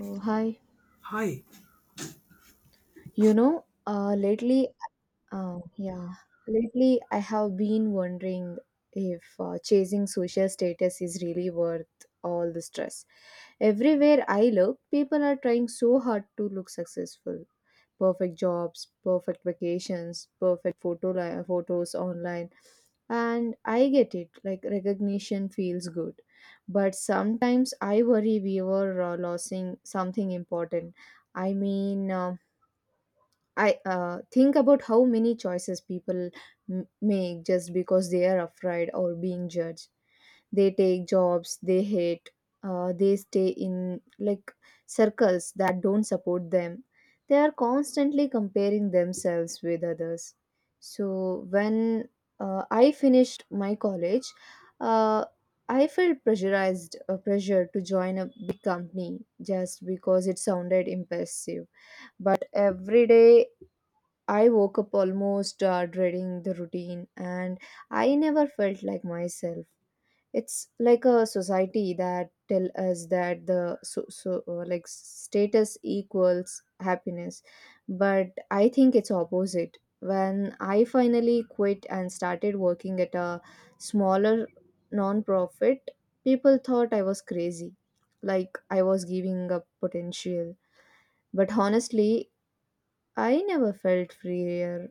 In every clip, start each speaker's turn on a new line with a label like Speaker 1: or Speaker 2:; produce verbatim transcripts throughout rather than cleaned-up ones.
Speaker 1: Oh, hi.
Speaker 2: Hi.
Speaker 1: You know, uh, lately, uh, yeah, Lately I have been wondering if uh, chasing social status is really worth all the stress. Everywhere I look, people are trying so hard to look successful. Perfect jobs, perfect vacations, perfect photo li- photos online. And I get it, like recognition feels good. But sometimes I worry we were uh, losing something important. I mean, um I uh, think about how many choices people m- make just because they are afraid or being judged. They take jobs they hate. Uh, they stay in like circles that don't support them. They are constantly comparing themselves with others. So when uh, I finished my college, uh, I felt pressurized, uh, pressured to join a big company just because it sounded impressive, but every day I woke up almost uh, dreading the routine, and I never felt like myself. It's like a society that tell us that the so, so uh, like status equals happiness, but I think it's opposite. When I finally quit and started working at a smaller non-profit, people thought I was crazy, like I was giving up potential. But honestly, I never felt freer,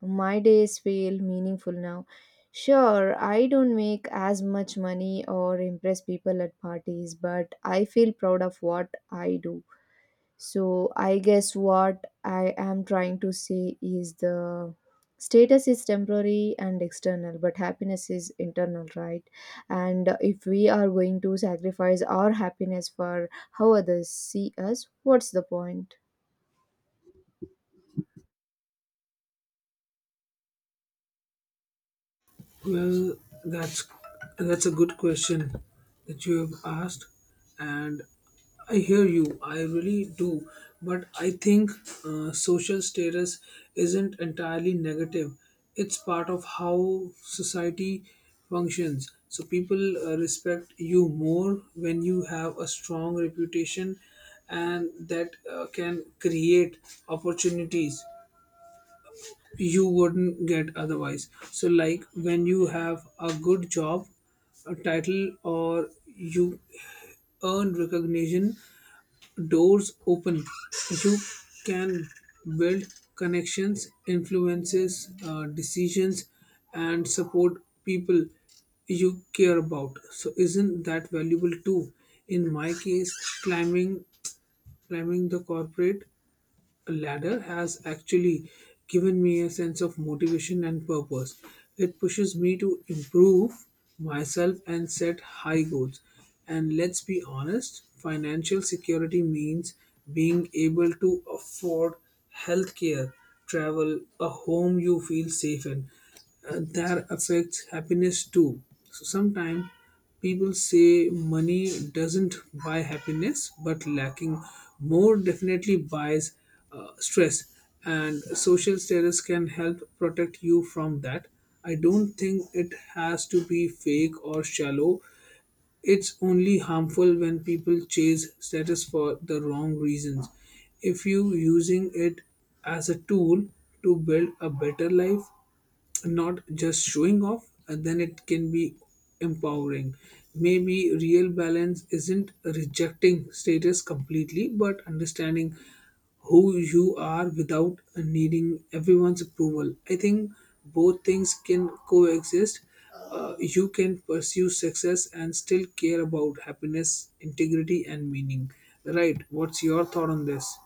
Speaker 1: my days feel meaningful now. Sure, I don't make as much money or impress people at parties, but I feel proud of what I do. So, I guess what I am trying to say is the status is temporary and external, but happiness is internal, right? And if we are going to sacrifice our happiness for how others see us, what's the point?
Speaker 2: Well, that's that's a good question that you have asked, and I hear you. I really do, but I think uh, social status isn't entirely negative. It's part of how society functions. So people uh, respect you more when you have a strong reputation, and that uh, can create opportunities you wouldn't get otherwise. So, like when you have a good job, a title, or you earn recognition, doors open. You can build connections, influences, uh, decisions, and support people you care about. So, isn't that valuable too? In my case, climbing climbing the corporate ladder has actually given me a sense of motivation and purpose. It pushes me to improve myself and set high goals. And let's be honest, financial security means being able to afford healthcare, travel, a home you feel safe in. Uh, that affects happiness too. So sometimes people say money doesn't buy happiness, but lacking more definitely buys uh, stress. And social status can help protect you from that. I don't think it has to be fake or shallow. It's only harmful when people chase status for the wrong reasons. If you using it as a tool to build a better life, not just showing off, and then it can be empowering. Maybe real balance isn't rejecting status completely, but understanding who you are without needing everyone's approval. I think both things can coexist. Uh, you can pursue success and still care about happiness, integrity, and meaning. Right? What's your thought on this?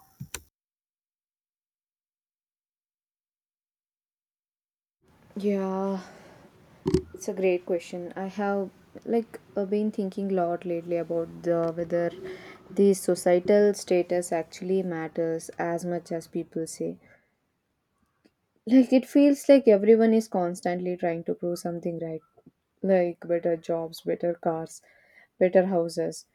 Speaker 1: Yeah, it's a great question. I have like uh, been thinking a lot lately about the whether the societal status actually matters as much as people say. Like it feels like everyone is constantly trying to prove something, right, like better jobs, better cars, better houses.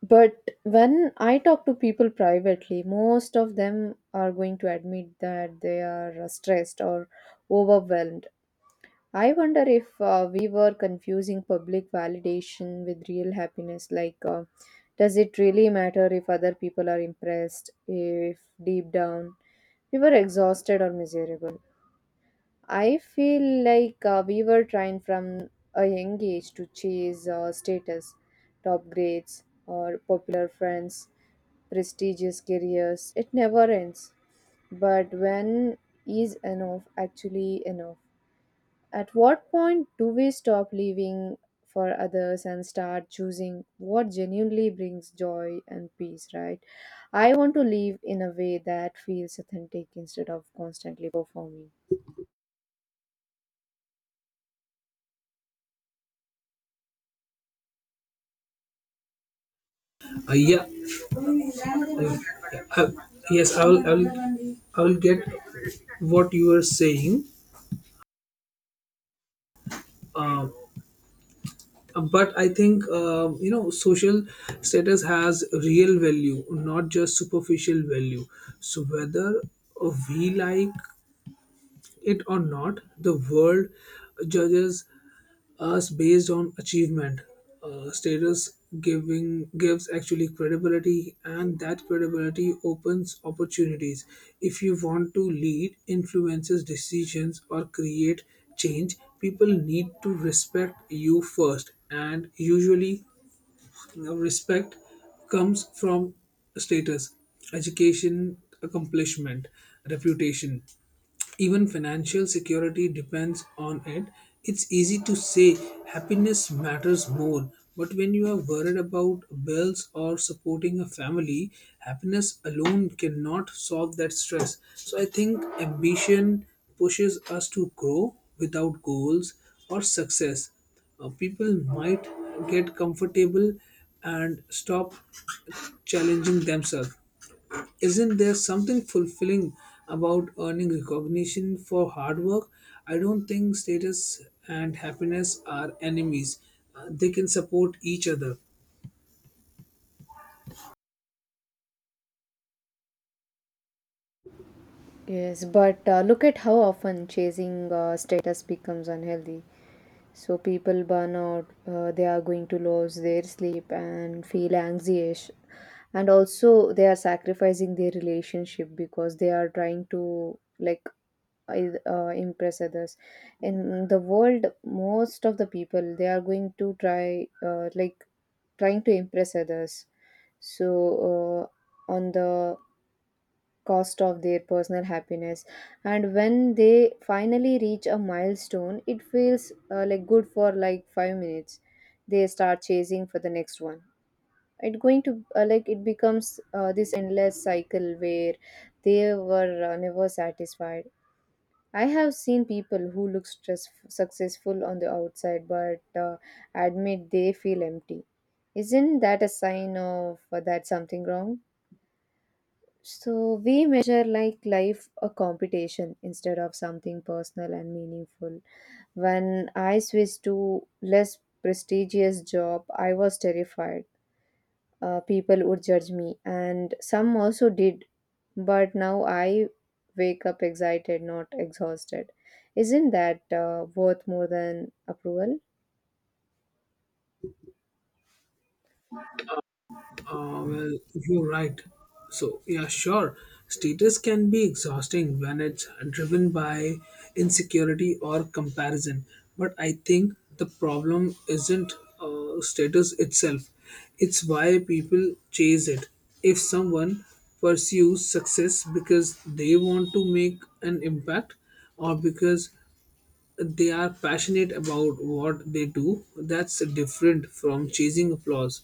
Speaker 1: But when I talk to people privately, most of them are going to admit that they are stressed or overwhelmed. I wonder if uh, we were confusing public validation with real happiness. Like, uh, does it really matter if other people are impressed? If deep down we were exhausted or miserable? I feel like uh, we were trying from a young age to chase uh, status, top grades, or popular friends, prestigious careers. It never ends. But when is enough actually enough? At what point do we stop living for others and start choosing what genuinely brings joy and peace, right? I want to live in a way that feels authentic instead of constantly performing.
Speaker 2: Uh, yeah, Uh, yes, I will, I will, I will get what you are saying. Um, but I think um, you know, social status has real value, not just superficial value. So whether we like it or not, the world judges as based on achievement. Uh, status giving gives actually credibility, and that credibility opens opportunities. If you want to lead, influences decisions, or create change, people need to respect you first, and usually uh, respect comes from status, education, accomplishment, reputation, even financial security depends on it. It's easy to say happiness matters more, but when you are worried about bills or supporting a family, happiness alone cannot solve that stress. So I think ambition pushes us to grow. Without goals or success, Uh, people might get comfortable and stop challenging themselves. Isn't there something fulfilling about earning recognition for hard work? I don't think status and happiness are enemies, Uh, they can support each other.
Speaker 1: Yes, but uh, look at how often chasing uh, status becomes unhealthy. So people burn out, uh, they are going to lose their sleep and feel anxious. And also they are sacrificing their relationship because they are trying to like I- uh, impress others. In the world, most of the people, they are going to try uh, like trying to impress others, so uh, on the cost of their personal happiness, and when they finally reach a milestone, it feels uh, like good for like five minutes, they start chasing for the next one. It going to uh, like it becomes uh, this endless cycle where they were uh, never satisfied. I have seen people who look stress successful on the outside but uh, admit they feel empty. Isn't that a sign of uh, that something wrong? So we measure like life a competition instead of something personal and meaningful. When I switched to less prestigious job, I was terrified. Uh, people would judge me, and some also did. But now I wake up excited, not exhausted. Isn't that uh, worth more than approval?
Speaker 2: Uh, well, you're right. So, yeah, sure. Status can be exhausting when it's driven by insecurity or comparison. But I think the problem isn't uh, status itself, it's why people chase it. If someone pursues success because they want to make an impact, or because they are passionate about what they do. That's different from chasing applause.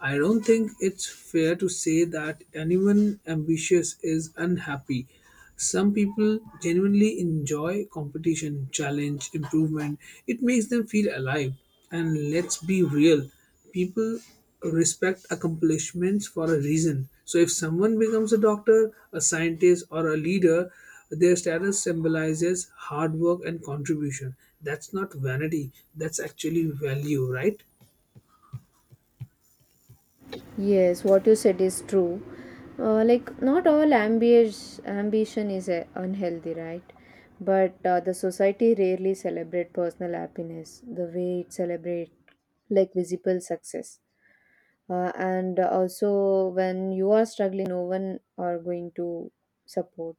Speaker 2: I don't think it's fair to say that anyone ambitious is unhappy. Some people genuinely enjoy competition, challenge, improvement. It makes them feel alive. And let's be real, people respect accomplishments for a reason. So if someone becomes a doctor, a scientist, or a leader, their status symbolizes hard work and contribution. That's not vanity, that's actually value, right?
Speaker 1: Yes, what you said is true. Uh, like, not all ambience, ambition is uh, unhealthy, right? But uh, the society rarely celebrate personal happiness the way it celebrate like visible success. Uh, and also, when you are struggling, no one are going to support.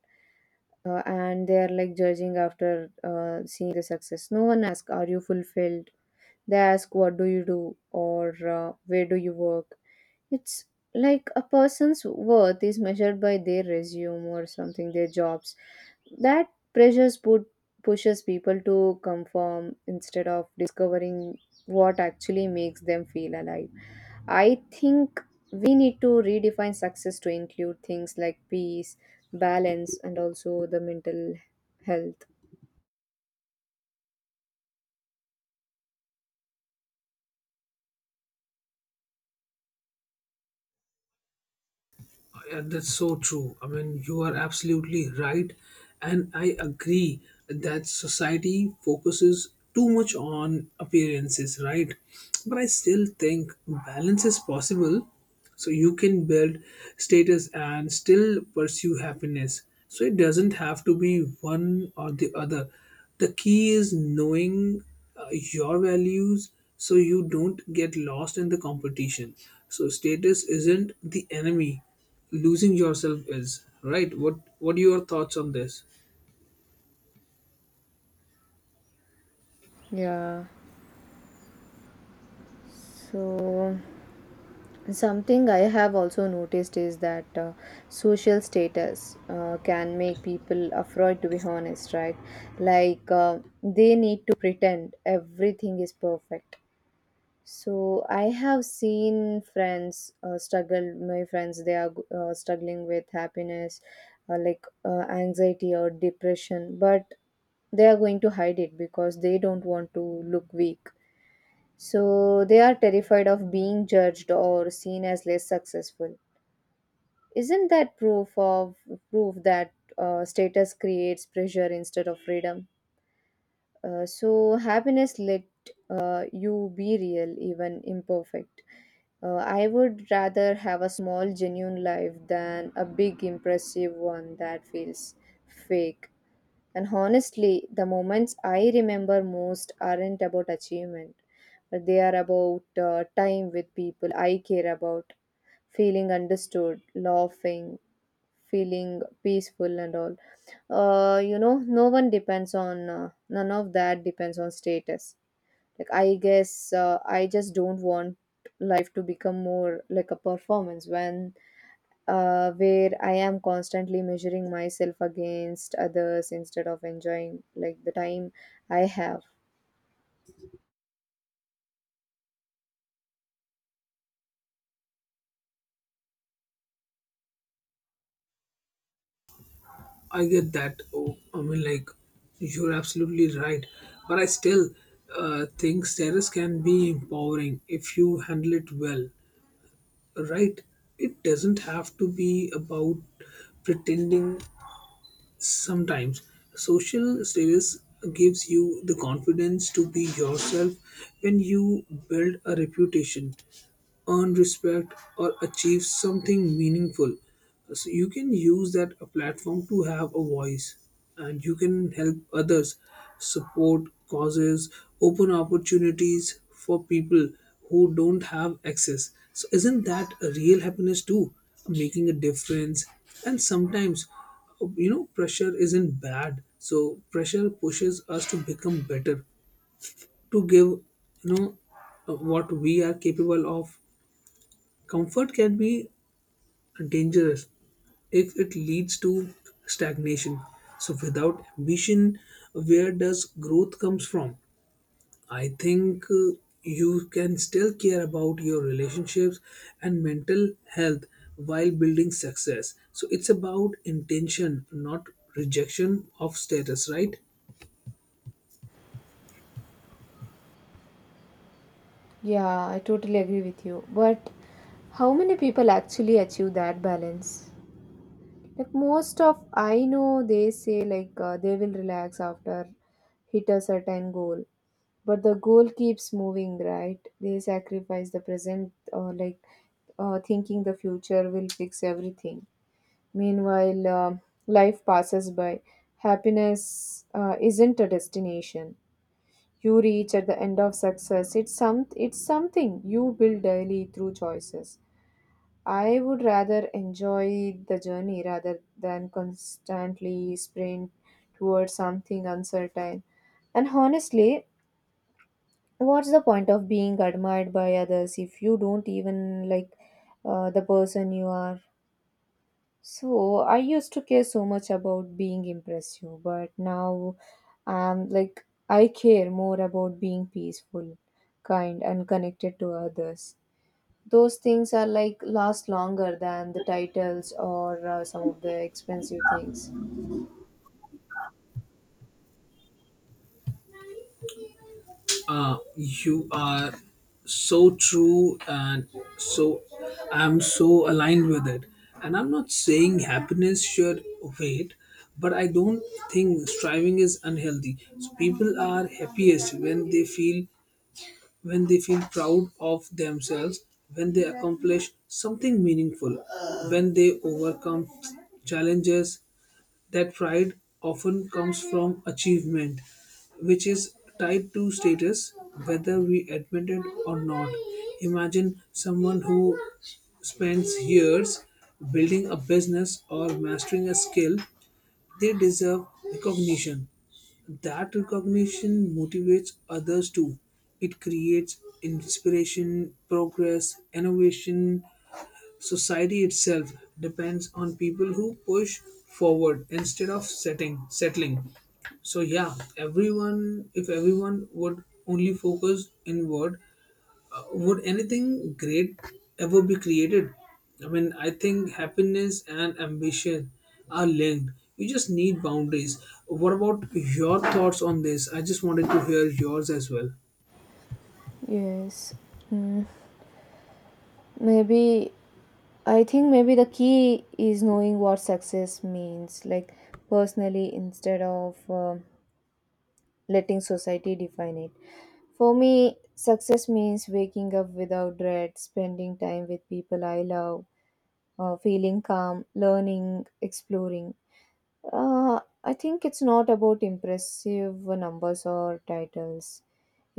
Speaker 1: Uh, and they are like judging after uh, seeing the success. No one asks, are you fulfilled? They ask, what do you do? Or uh, where do you work? It's like a person's worth is measured by their resume or something, their jobs. That pressures put pushes people to conform instead of discovering what actually makes them feel alive. I think we need to redefine success to include things like peace, balance, and also the mental health.
Speaker 2: Yeah, that's so true. I mean, you are absolutely right. And I agree that society focuses too much on appearances, right? But I still think balance is possible. So you can build status and still pursue happiness. So it doesn't have to be one or the other. The key is knowing uh, your values so you don't get lost in the competition. So status isn't the enemy, losing yourself is. Right? What what are your thoughts on this?
Speaker 1: Yeah. So something I have also noticed is that uh, social status uh, can make people afraid to be honest, right? Like uh, they need to pretend everything is perfect. So I have seen friends uh, struggle, my friends, they are uh, struggling with happiness, uh, like uh, anxiety or depression, but they are going to hide it because they don't want to look weak. So they are terrified of being judged or seen as less successful. Isn't that proof of proof that uh, status creates pressure instead of freedom? Uh, so happiness let uh, you be real, even imperfect. Uh, I would rather have a small, genuine life than a big, impressive one that feels fake. And honestly, the moments I remember most aren't about achievement, but they are about uh, time with people I care about, feeling understood, laughing, feeling peaceful and all. uh, you know no one depends on uh, none of that depends on status. Like, I guess uh, I just don't want life to become more like a performance when uh, where I am constantly measuring myself against others instead of enjoying like the time I have.
Speaker 2: I get that. Oh, I mean, like, you're absolutely right, but I still uh, think status can be empowering if you handle it well, right? It doesn't have to be about pretending. Sometimes social status gives you the confidence to be yourself when you build a reputation, earn respect, or achieve something meaningful. So you can use that platform to have a voice, and you can help others, support causes, open opportunities for people who don't have access. So, isn't that a real happiness too? Making a difference, and sometimes, you know, pressure isn't bad. So pressure pushes us to become better, to give, you know, uh, what we are capable of. Comfort can be dangerous if it leads to stagnation. So without ambition, where does growth comes from? I think uh, you can still care about your relationships and mental health while building success. So it's about intention, not rejection of status, right?
Speaker 1: Yeah, I totally agree with you, but how many people actually achieve that balance? Like most of I know, they say like uh, they will relax after hit a certain goal, but the goal keeps moving, right? They sacrifice the present, uh, like uh, thinking the future will fix everything. Meanwhile, um life passes by. Happiness uh, isn't a destination. You reach at the end of success. It's some. It's something you build daily through choices. I would rather enjoy the journey rather than constantly sprint towards something uncertain. And honestly, what's the point of being admired by others if you don't even like uh, the person you are? So I used to care so much about being impressive, but now I'm like, I care more about being peaceful, kind, and connected to others. Those things are like last longer than the titles or uh, some of the expensive things.
Speaker 2: Uh, you are so true, and so I'm so aligned with it. And I'm not saying happiness should wait, but I don't think striving is unhealthy. So people are happiest when they feel, when they feel proud of themselves, when they accomplish something meaningful, when they overcome challenges. That pride often comes from achievement, which is tied to status, whether we admit it or not. Imagine someone who spends years building a business or mastering a skill, they deserve recognition. That recognition motivates others too. It creates inspiration, progress, innovation. Society itself depends on people who push forward instead of setting settling. So yeah, everyone if everyone would only focus inward, would anything great ever be created? I mean, I think happiness and ambition are linked. You just need boundaries. What about your thoughts on this? I just wanted to hear yours as well.
Speaker 1: Yes. Mm. Maybe, I think maybe the key is knowing what success means like personally instead of uh, letting society define it. For me, success means waking up without dread, spending time with people I love, uh, feeling calm, learning, exploring. Uh, I think it's not about impressive numbers or titles.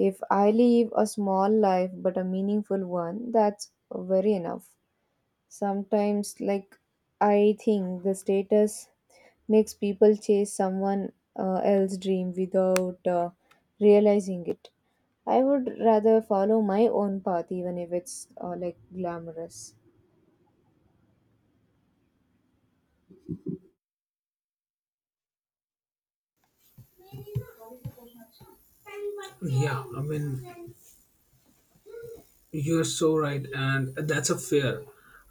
Speaker 1: If I live a small life but a meaningful one, that's very enough. Sometimes, like, I think the status makes people chase someone uh, else's dream without uh, realizing it. I would rather follow my own path, even if it's uh, like glamorous.
Speaker 2: Yeah, I mean, you're so right, and that's a fear.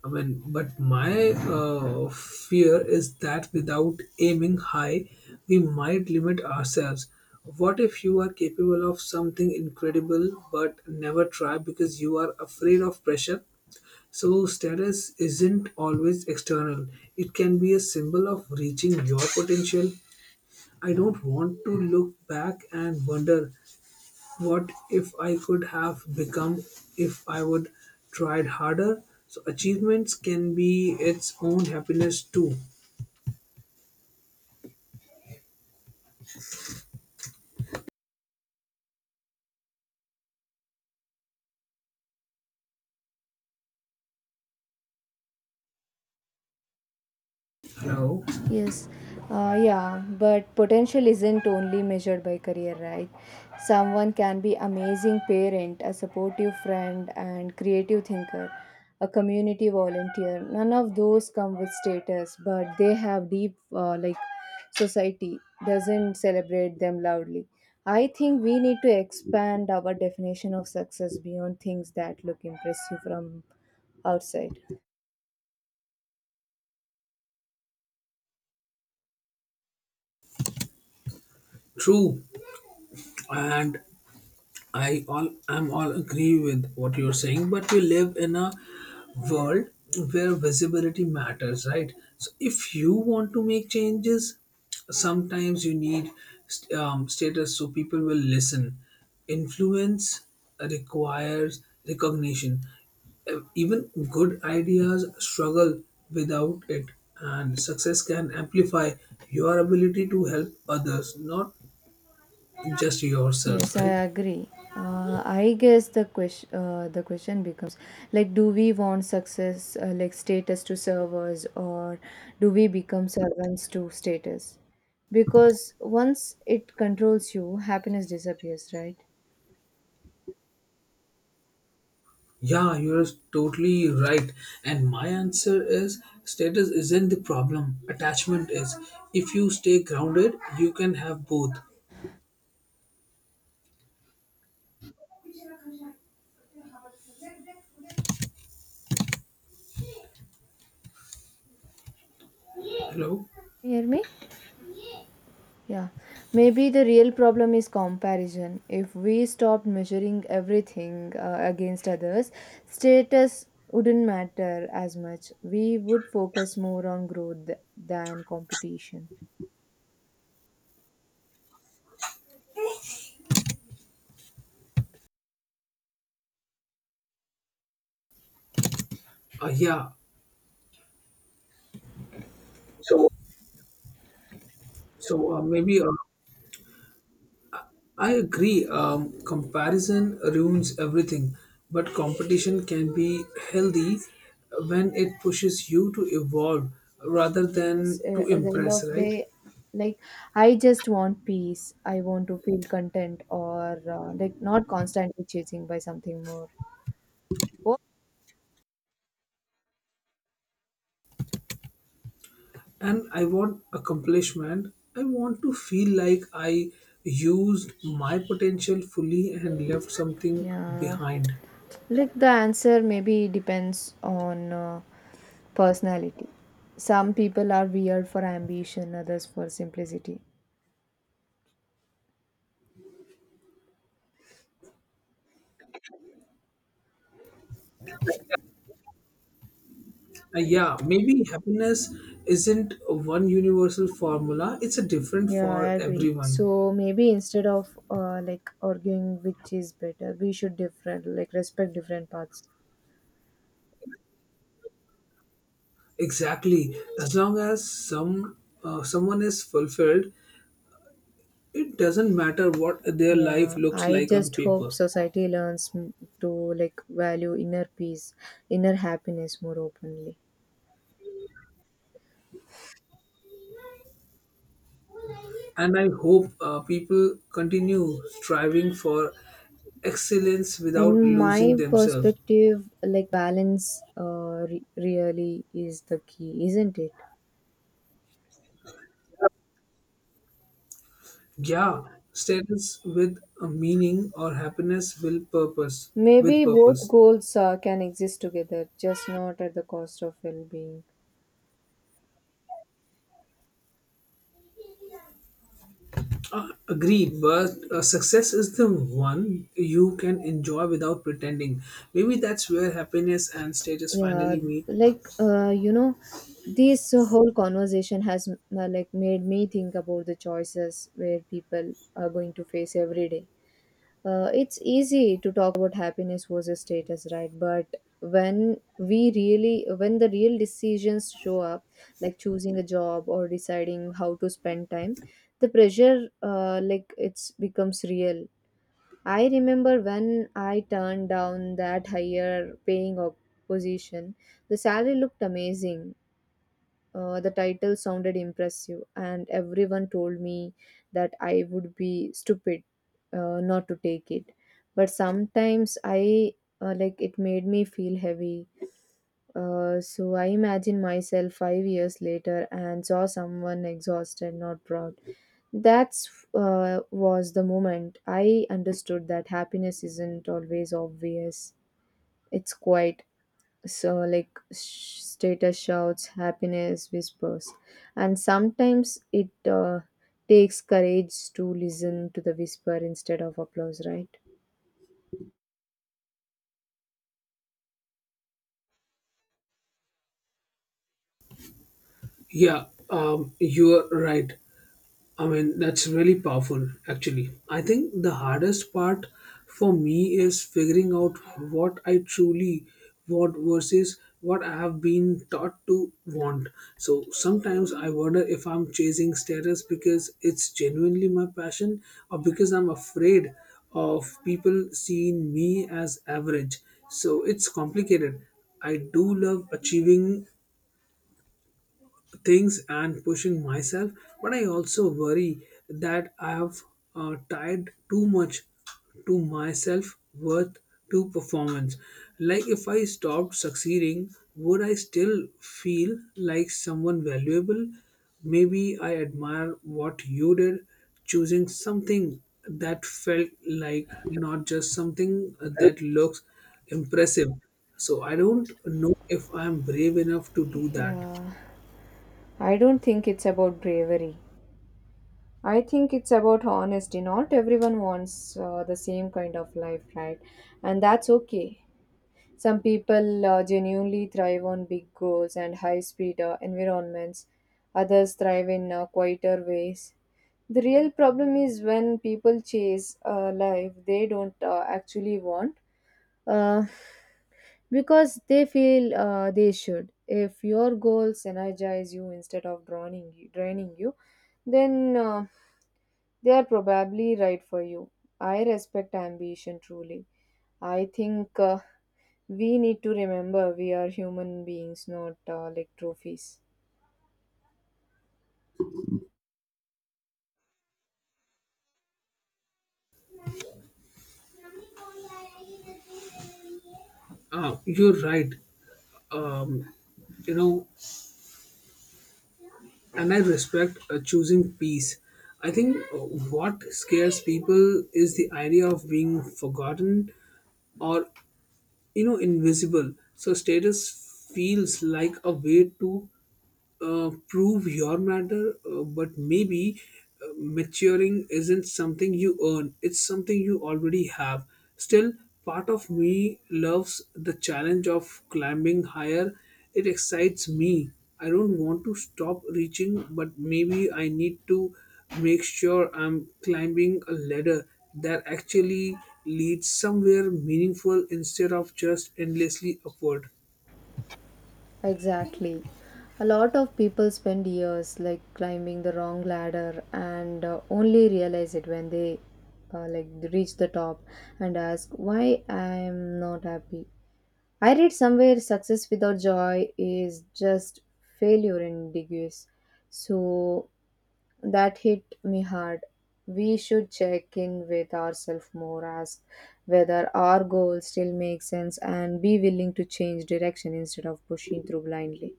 Speaker 2: I mean, but my uh, fear is that without aiming high, we might limit ourselves. What if you are capable of something incredible but never try because you are afraid of pressure? So, status isn't always external, it can be a symbol of reaching your potential. I don't want to look back and wonder what if I could have become if I would tried harder? So achievements can be its own happiness too. Hello.
Speaker 1: Yes, uh, yeah, but potential isn't only measured by career, right? Someone can be amazing parent, a supportive friend, and creative thinker, a community volunteer. None of those come with status, but they have deep, uh, like, society doesn't celebrate them loudly. I think we need to expand our definition of success beyond things that look impressive from outside.
Speaker 2: True, and I all I'm all agree with what you're saying, but we live in a world where visibility matters, right? So if you want to make changes, sometimes you need st- um, status so people will listen. Influence requires recognition. Uh, Even good ideas struggle without it, and success can amplify your ability to help others, not just yourself,
Speaker 1: Yes, I
Speaker 2: right?
Speaker 1: agree. Uh, I guess the question uh, the question becomes like, do we want success uh, like status to serve us, or do we become servants to status? Because once it controls you, happiness disappears, right?
Speaker 2: Yeah, you're totally right. And my answer is status isn't the problem, attachment is. If you stay grounded, you can have both. Hello?
Speaker 1: Can you hear me? Yeah, maybe the real problem is comparison. If we stopped measuring everything uh, against others, status wouldn't matter as much. We would focus more on growth than competition.
Speaker 2: Uh, yeah. So uh, maybe uh, I agree. Um, comparison ruins everything, but competition can be healthy when it pushes you to evolve rather
Speaker 1: Yes,
Speaker 2: than
Speaker 1: uh,
Speaker 2: to
Speaker 1: at the end
Speaker 2: impress,
Speaker 1: of
Speaker 2: right?
Speaker 1: day, like, I just want peace. I want to feel content or uh, like not constantly chasing by something more. Wo-
Speaker 2: And I want accomplishment. I want to feel like I used my potential fully and left something
Speaker 1: Yeah,
Speaker 2: behind.
Speaker 1: like the answer maybe depends on. Uh, Personality. Some people are weird for ambition, others for simplicity.
Speaker 2: Uh, yeah, maybe happiness isn't one universal formula, it's a different
Speaker 1: Yeah, I
Speaker 2: for
Speaker 1: agree.
Speaker 2: everyone.
Speaker 1: So maybe instead of uh, like arguing which is better, we should different like respect different paths.
Speaker 2: Exactly. As long as some uh, someone is fulfilled, it doesn't matter what their life
Speaker 1: Yeah,
Speaker 2: looks
Speaker 1: I
Speaker 2: like on
Speaker 1: just
Speaker 2: paper.
Speaker 1: hope society learns m- to like value inner peace, inner happiness more openly.
Speaker 2: And I hope uh, people continue striving for excellence without
Speaker 1: In
Speaker 2: losing
Speaker 1: my
Speaker 2: themselves.
Speaker 1: perspective, like balance uh, re- really is the key, isn't it?
Speaker 2: Yeah, status with a meaning or happiness will purpose with
Speaker 1: Maybe both
Speaker 2: purpose.
Speaker 1: goals uh, can exist together, just not at the cost of well being.
Speaker 2: Uh, agreed, but uh, success is the one you can enjoy without pretending. Maybe that's where happiness and status
Speaker 1: Yeah,
Speaker 2: finally meet.
Speaker 1: like uh, you know this whole conversation has uh, like made me think about the choices where people are going to face every day. Uh, it's easy to talk about happiness versus status, right, but when we really when the real decisions show up, like choosing a job or deciding how to spend time, the pressure uh, like it's becomes real. I remember when I turned down that higher paying op- position, the salary looked amazing, uh, the title sounded impressive, and everyone told me that I would be stupid uh, not to take it. But sometimes I uh, like it made me feel heavy. Uh, so I imagine myself five years later and saw someone exhausted, not proud. That's uh, was the moment I understood that happiness isn't always obvious. It's quiet, so like sh- status shouts, happiness whispers, and sometimes it uh, takes courage to listen to the whisper instead of applause, right?
Speaker 2: Yeah, um, you're right. I mean, that's really powerful, actually. I think the hardest part for me is figuring out what I truly want versus what I have been taught to want. So sometimes I wonder if I'm chasing status because it's genuinely my passion, or because I'm afraid of people seeing me as average. So it's complicated. I do love achieving things and pushing myself, but I also worry that I have uh, tied too much to my self worth, to performance. Like if I stopped succeeding, would I still feel like someone valuable? Maybe I admire what you did, choosing something that felt like, not just something that looks impressive. So I don't know if I'm brave enough to do that.
Speaker 1: Yeah, I don't think it's about bravery. I think it's about honesty. Not everyone wants uh, the same kind of life, right? And that's okay. Some people uh, genuinely thrive on big goals and high speed uh, environments, others thrive in uh, quieter ways. The real problem is when people chase a life they don't uh, actually want uh, because they feel uh, they should. If your goals energize you instead of drowning you, draining you, then uh, they are probably right for you. I respect ambition truly. I think uh, we need to remember we are human beings, not uh, like trophies.
Speaker 2: Uh, you're right. Um, you know, and I respect uh, choosing peace. I think uh, what scares people is the idea of being forgotten, or, you know, invisible. So status feels like a way to uh, prove your matter, uh, but maybe uh, maturing isn't something you earn, it's something you already have. Still, part of me loves the challenge of climbing higher, it excites me. I don't want to stop reaching, but maybe I need to make sure I'm climbing a ladder that actually leads somewhere meaningful instead of just endlessly upward.
Speaker 1: Exactly. A lot of people spend years like climbing the wrong ladder and uh, only realize it when they uh, like reach the top and ask why I am not happy. I read somewhere success without joy is just failure in degrees. So that hit me hard. We should check in with ourselves more, ask whether our goal still makes sense, and be willing to change direction instead of pushing through blindly.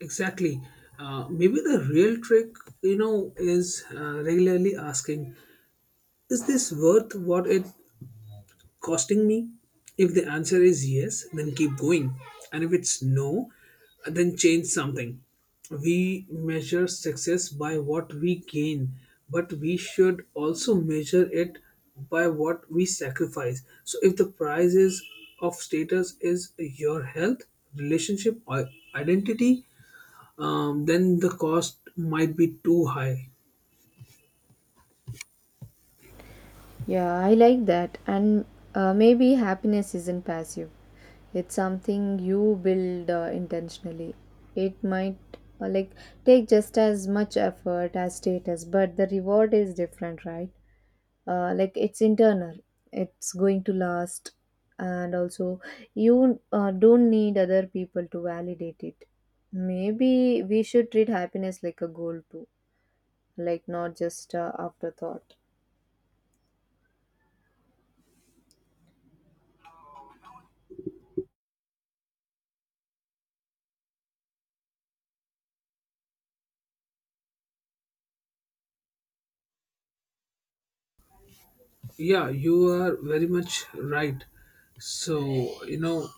Speaker 2: Exactly. Uh, maybe the real trick, you know, is uh, regularly asking, is this worth what it costing me? If the answer is yes, then keep going. And if it's no, then change something. We measure success by what we gain, but we should also measure it by what we sacrifice. So if the price is of status is your health, relationship, or identity, um, then the cost might be too high.
Speaker 1: Yeah, I like that. And uh, maybe happiness isn't passive, it's something you build uh, intentionally. It might uh, like take just as much effort as status, but the reward is different, right? Uh, like, it's internal, it's going to last, and also you uh, don't need other people to validate it. Maybe we should treat happiness like a goal too, like not just uh, afterthought.
Speaker 2: Yeah, you are very much right. So, you know,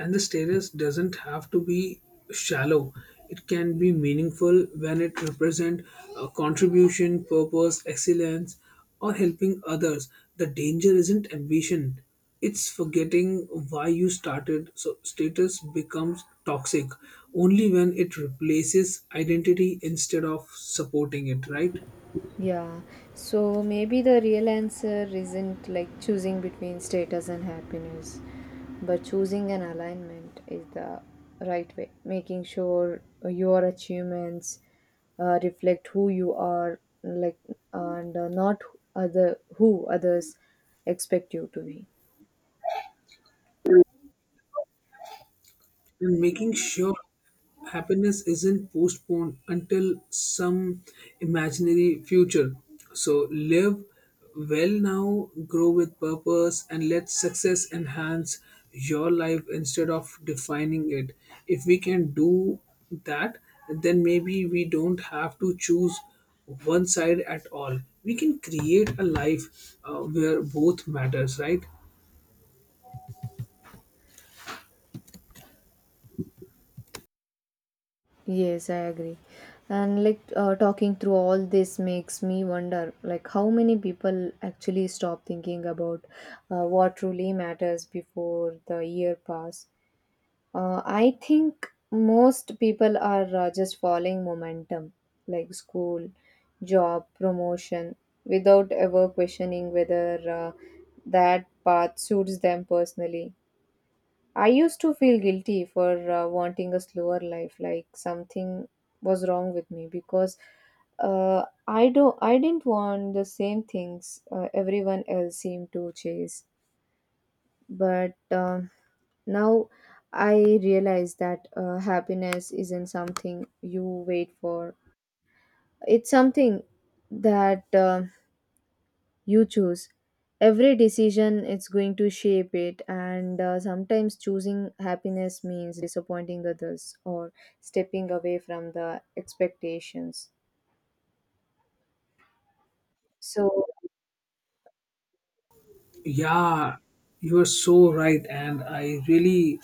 Speaker 2: and the status doesn't have to be shallow. It can be meaningful when it represent a contribution, purpose, excellence, or helping others. The danger isn't ambition. It's forgetting why you started. So status becomes toxic only when it replaces identity instead of supporting it, right?
Speaker 1: Yeah, so maybe the real answer isn't like choosing between status and happiness, but choosing an alignment is the right way. Making sure your achievements uh, reflect who you are, like, and uh, not other who others expect you to be.
Speaker 2: And making sure happiness isn't postponed until some imaginary future. So live well now, grow with purpose, and let success enhance your life instead of defining it. If we can do that, then maybe we don't have to choose one side at all. We can create a life uh, where both matters, right?
Speaker 1: Yes, I agree. And like uh, talking through all this makes me wonder like how many people actually stop thinking about uh, what truly matters before the year pass. Uh, I think most people are uh, just following momentum, like school, job, promotion, without ever questioning whether uh, that path suits them personally. I used to feel guilty for uh, wanting a slower life, like something was wrong with me because uh, I do I didn't want the same things uh, everyone else seemed to chase. But um now I realize that uh, happiness isn't something you wait for. It's something that uh, you choose. Every decision it's going to shape it, and uh, sometimes choosing happiness means disappointing others or stepping away from the expectations, so
Speaker 2: Yeah, you are so right, and I really,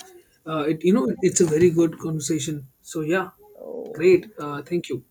Speaker 2: uh, it you know, it's a very good conversation. So yeah, great.
Speaker 1: oh,
Speaker 2: Uh, thank you.